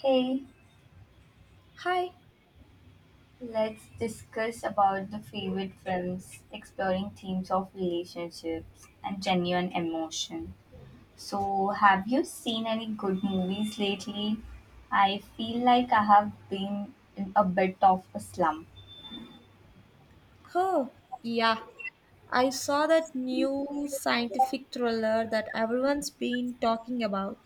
Hey, Hi. let's discuss about the favorite films exploring themes of relationships and genuine emotion. So, have you seen any good movies lately? I feel like I have been in a bit of a slump. Oh, yeah. I saw that new scientific thriller that everyone's been talking about.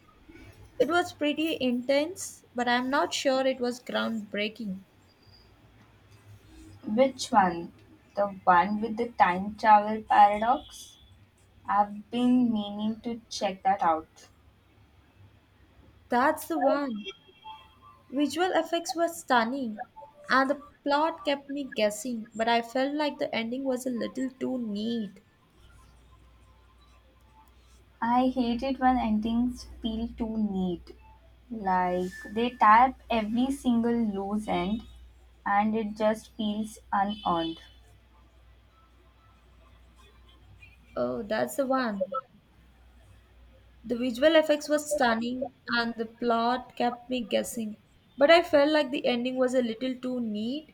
It was pretty intense, but I'm not sure it was groundbreaking. Which one? The one with the time travel paradox? I've been meaning to check that out. That's the one. Visual effects were stunning, and the plot kept me guessing, but I felt like the ending was a little too neat. I hate it when endings feel too neat. Like they tap every single loose end and it just feels unearned. Oh, that's the one. The visual effects were stunning, and the plot kept me guessing, but I felt like the ending was a little too neat.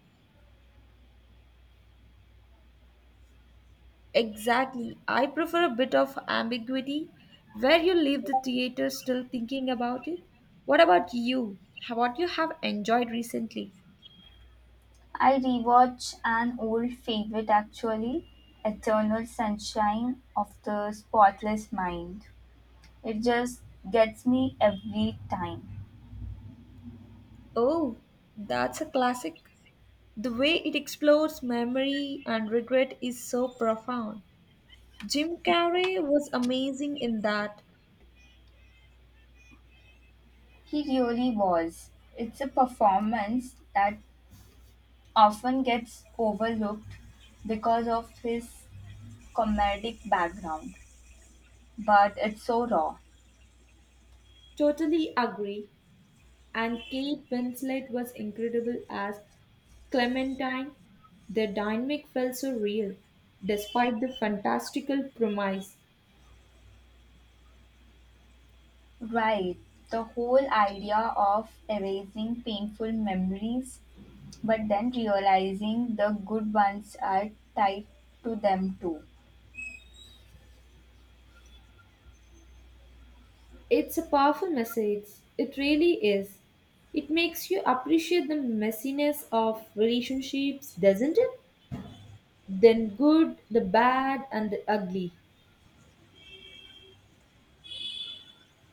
Exactly. I prefer a bit of ambiguity where you leave the theater still thinking about it. What about you? What you have enjoyed recently? I rewatch an old favorite actually, Eternal Sunshine of the Spotless Mind. It just gets me every time. Oh, that's a classic. The way it explores memory and regret is so profound. Jim Carrey was amazing in that. He really was. It's a performance that often gets overlooked because of his comedic background. But it's so raw. Totally agree. And Kate Winslet was incredible as Clementine, their dynamic felt so real, despite the fantastical premise. Right. The whole idea of erasing painful memories, but then realizing the good ones are tied to them too. It's a powerful message. It really is. It makes you appreciate the messiness of relationships, doesn't it? Then good, the bad, and the ugly.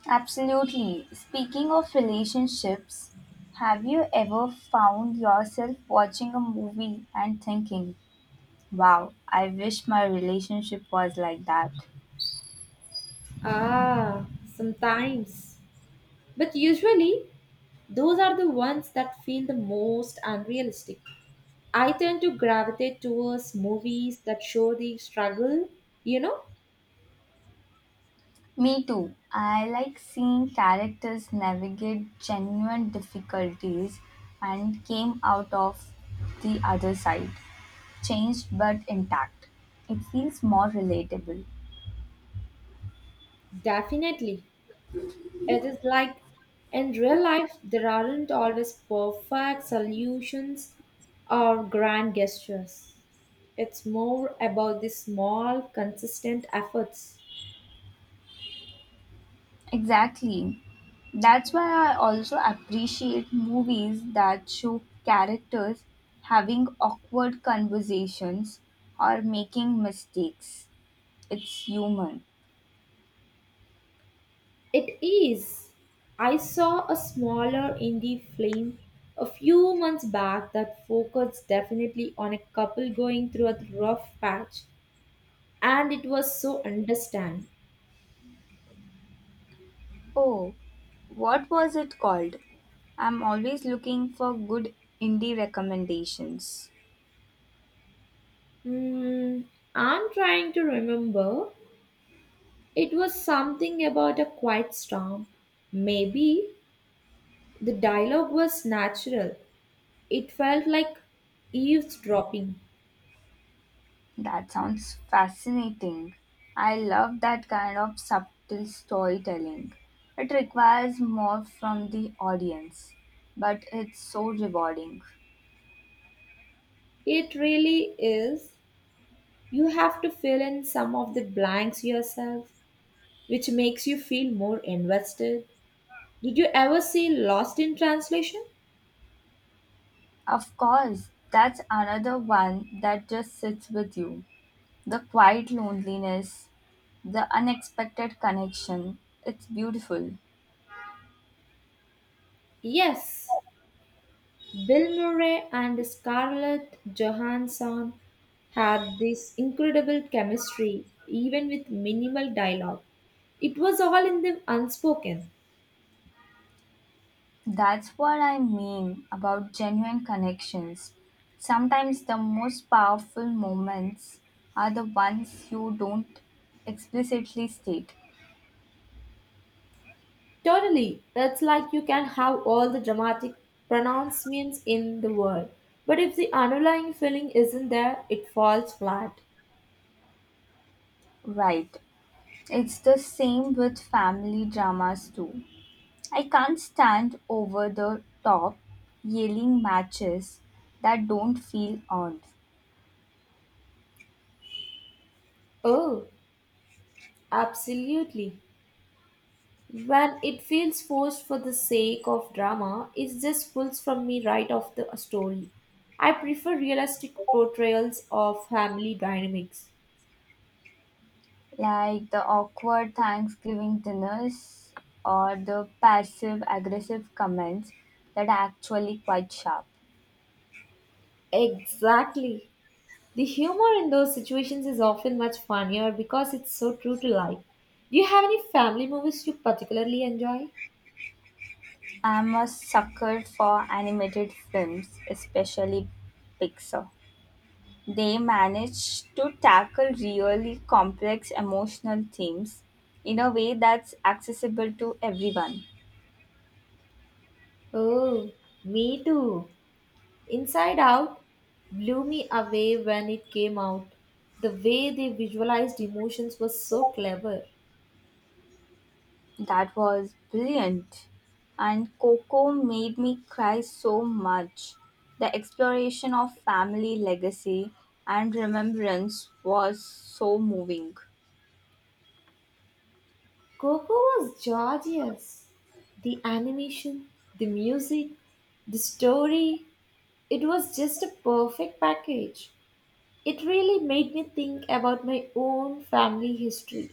Absolutely. Speaking of relationships, have you ever found yourself watching a movie and thinking, wow, I wish my relationship was like that? Ah, Sometimes. But usually, those are the ones that feel the most unrealistic. I tend to gravitate towards movies that show the struggle, you know, Me too. I like seeing characters navigate genuine difficulties and came out of the other side, changed but intact. It feels more relatable. Definitely. It is like in real life, there aren't always perfect solutions or grand gestures. It's more about the small, consistent efforts. Exactly. That's why I also appreciate movies that show characters having awkward conversations or making mistakes. It's human. It is. I saw a smaller indie film a few months back that focused definitely on a couple going through a rough patch, and it was so understand. Oh, what was it called? I'm always looking for good indie recommendations. Hmm, I'm trying to remember. It was something about a quiet storm. Maybe the dialogue was natural. It felt like eavesdropping. That sounds fascinating. I love that kind of subtle storytelling. It requires more from the audience, but it's so rewarding. It really is. You have to fill in some of the blanks yourself, which makes you feel more invested. Did you ever see Lost in Translation? Of course, that's another one that just sits with you. The quiet loneliness, the unexpected connection. It's beautiful. Yes. Bill Murray and Scarlett Johansson had this incredible chemistry, even with minimal dialogue. It was all in the unspoken. That's what I mean about genuine connections. Sometimes the most powerful moments are the ones you don't explicitly state. Totally, it's like you can have all the dramatic pronouncements in the world, but if the underlying feeling isn't there, it falls flat. Right. It's the same with family dramas too. I can't stand over the top yelling matches that don't feel earned, Oh, absolutely. When it feels forced for the sake of drama, it just pulls from me right off the story. I prefer realistic portrayals of family dynamics. like the awkward Thanksgiving dinners or the passive aggressive comments that are actually quite sharp. Exactly. The humor in those situations is often much funnier because it's so true to life. Do you have any family movies you particularly enjoy? I'm a sucker for animated films, especially Pixar. They manage to tackle really complex emotional themes in a way that's accessible to everyone. Oh, me too. Inside Out blew me away when it came out. The way they visualized emotions was so clever. That was brilliant. And Coco made me cry so much. The exploration of family legacy and remembrance was so moving. Coco was gorgeous. The animation, the music, the story, it was just a perfect package. It really made me think about my own family history.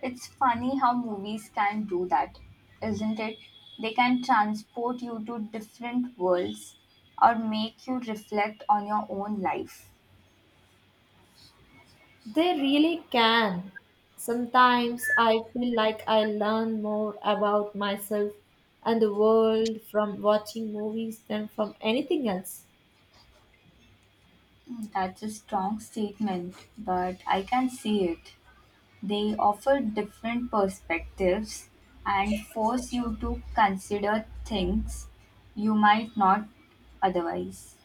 It's funny how movies can do that, isn't it? They can transport you to different worlds or make you reflect on your own life. They really can. Sometimes I feel like I learn more about myself and the world from watching movies than from anything else. That's a strong statement, but I can see it. They offer different perspectives and force you to consider things you might not otherwise.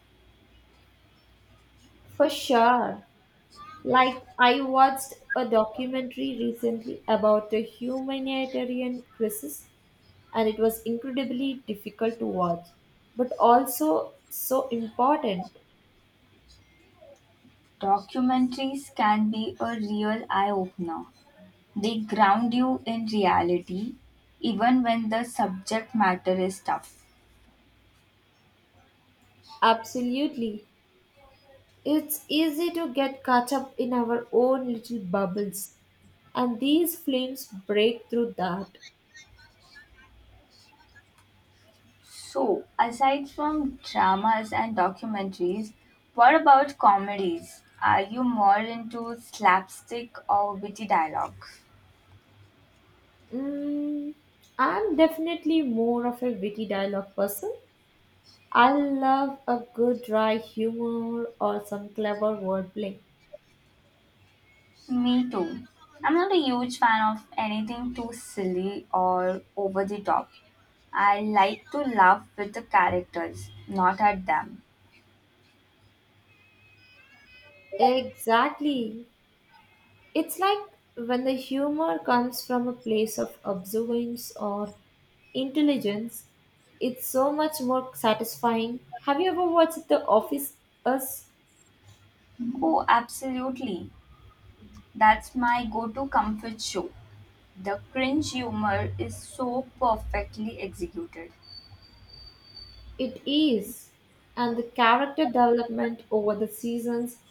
For sure. Like, I watched a documentary recently about a humanitarian crisis, and it was incredibly difficult to watch, but also so important. Documentaries can be a real eye opener. They ground you in reality even when the subject matter is tough. Absolutely. It's easy to get caught up in our own little bubbles, and these films break through that. So, aside from dramas and documentaries, what about comedies? Are you more into slapstick or witty dialogue? Mm, I'm definitely more of a witty dialogue person. I love a good dry humor or some clever wordplay. Me too. I'm not a huge fan of anything too silly or over the top. I like to laugh with the characters, not at them. Exactly. It's like when the humor comes from a place of observance or intelligence, it's so much more satisfying. Have you ever watched The Office as Oh, absolutely. That's my go to comfort show. The cringe humor is so perfectly executed. it is? And the character development over the seasons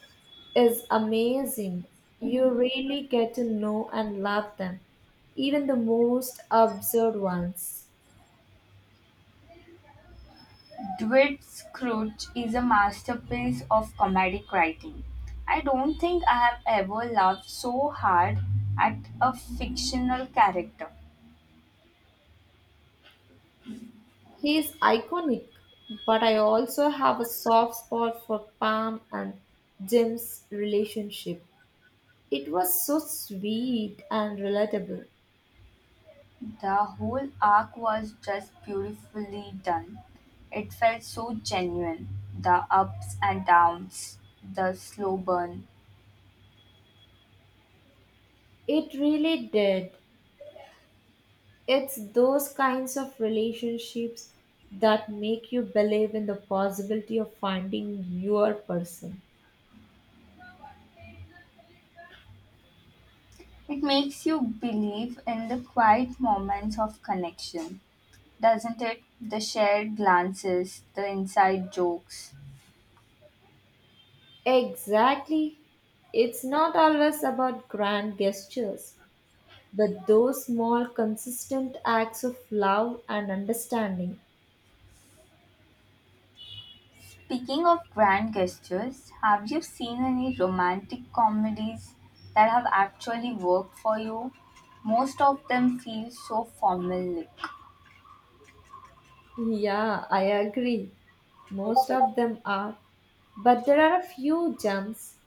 is amazing. You really get to know and love them, even the most absurd ones. Dwight's Scrooge is a masterpiece of comedic writing. I don't think I have ever laughed so hard at a fictional character. He is iconic, but I also have a soft spot for Pam and Jim's relationship. It was so sweet and relatable. The whole arc was just beautifully done. It felt so genuine. The ups and downs, the slow burn. It really did. It's those kinds of relationships that make you believe in the possibility of finding your person. It makes you believe in the quiet moments of connection, doesn't it? The shared glances, the inside jokes. Exactly. It's not always about grand gestures, but those small, consistent acts of love and understanding. Speaking of grand gestures, have you seen any romantic comedies that have actually worked for you? Most of them feel so formal. Yeah, I agree. Most of them are, but there are a few gems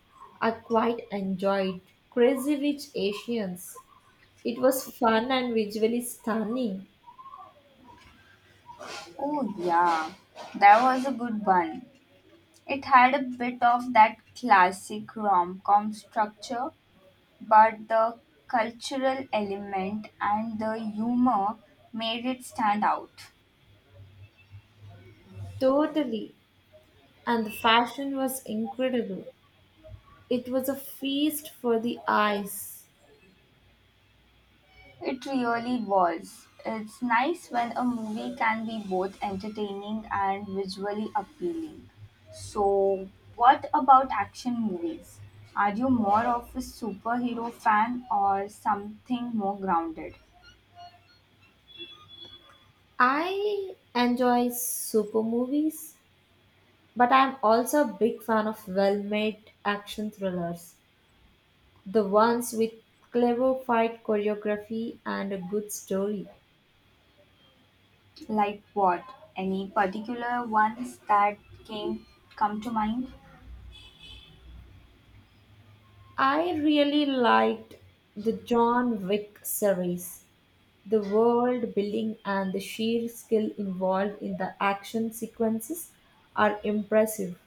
I quite enjoyed. Crazy Rich Asians. It was fun and visually stunning. Oh, yeah, that was a good one. It had a bit of that classic rom com structure, but the cultural element and the humor made it stand out. Totally. And the fashion was incredible. It was a feast for the eyes. It really was. It's nice when a movie can be both entertaining and visually appealing. So, what about action movies? Are you more of a superhero fan or something more grounded? I enjoy super movies, but I'm also a big fan of well made action thrillers. The ones with clever fight choreography and a good story. Like what? Any particular ones that came come to mind? I really liked the John Wick series. The world building and the sheer skill involved in the action sequences are impressive.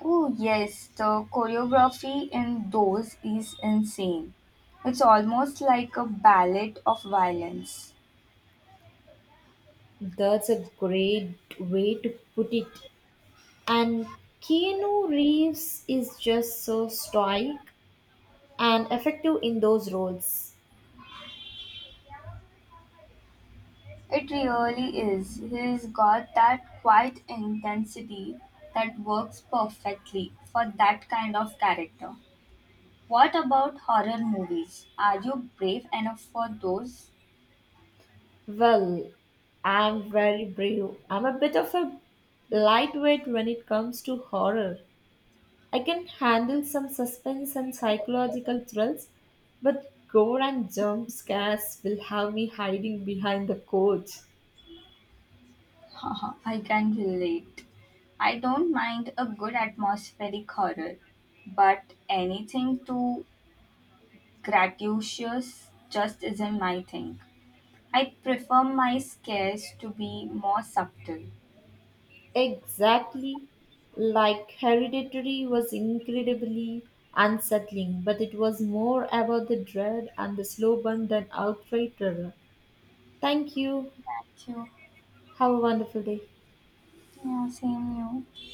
Oh yes, the choreography in those is insane. It's almost like a ballet of violence. That's a great way to put it. And Keanu Reeves is just so stoic and effective in those roles. It really is. He's got that quiet intensity that works perfectly for that kind of character. What about horror movies? Are you brave enough for those? Well, I'm very brave. I'm a bit of a lightweight when it comes to horror. I can handle some suspense and psychological thrills, but gore and jump scares will have me hiding behind the couch. Haha, I can relate. I don't mind a good atmospheric horror, but anything too gratuitous just isn't my thing. I prefer my scares to be more subtle. Exactly. Like Hereditary was incredibly unsettling, but it was more about the dread and the slow burn than outright terror. Thank you. Thank you. Have a wonderful day. Yeah, same you.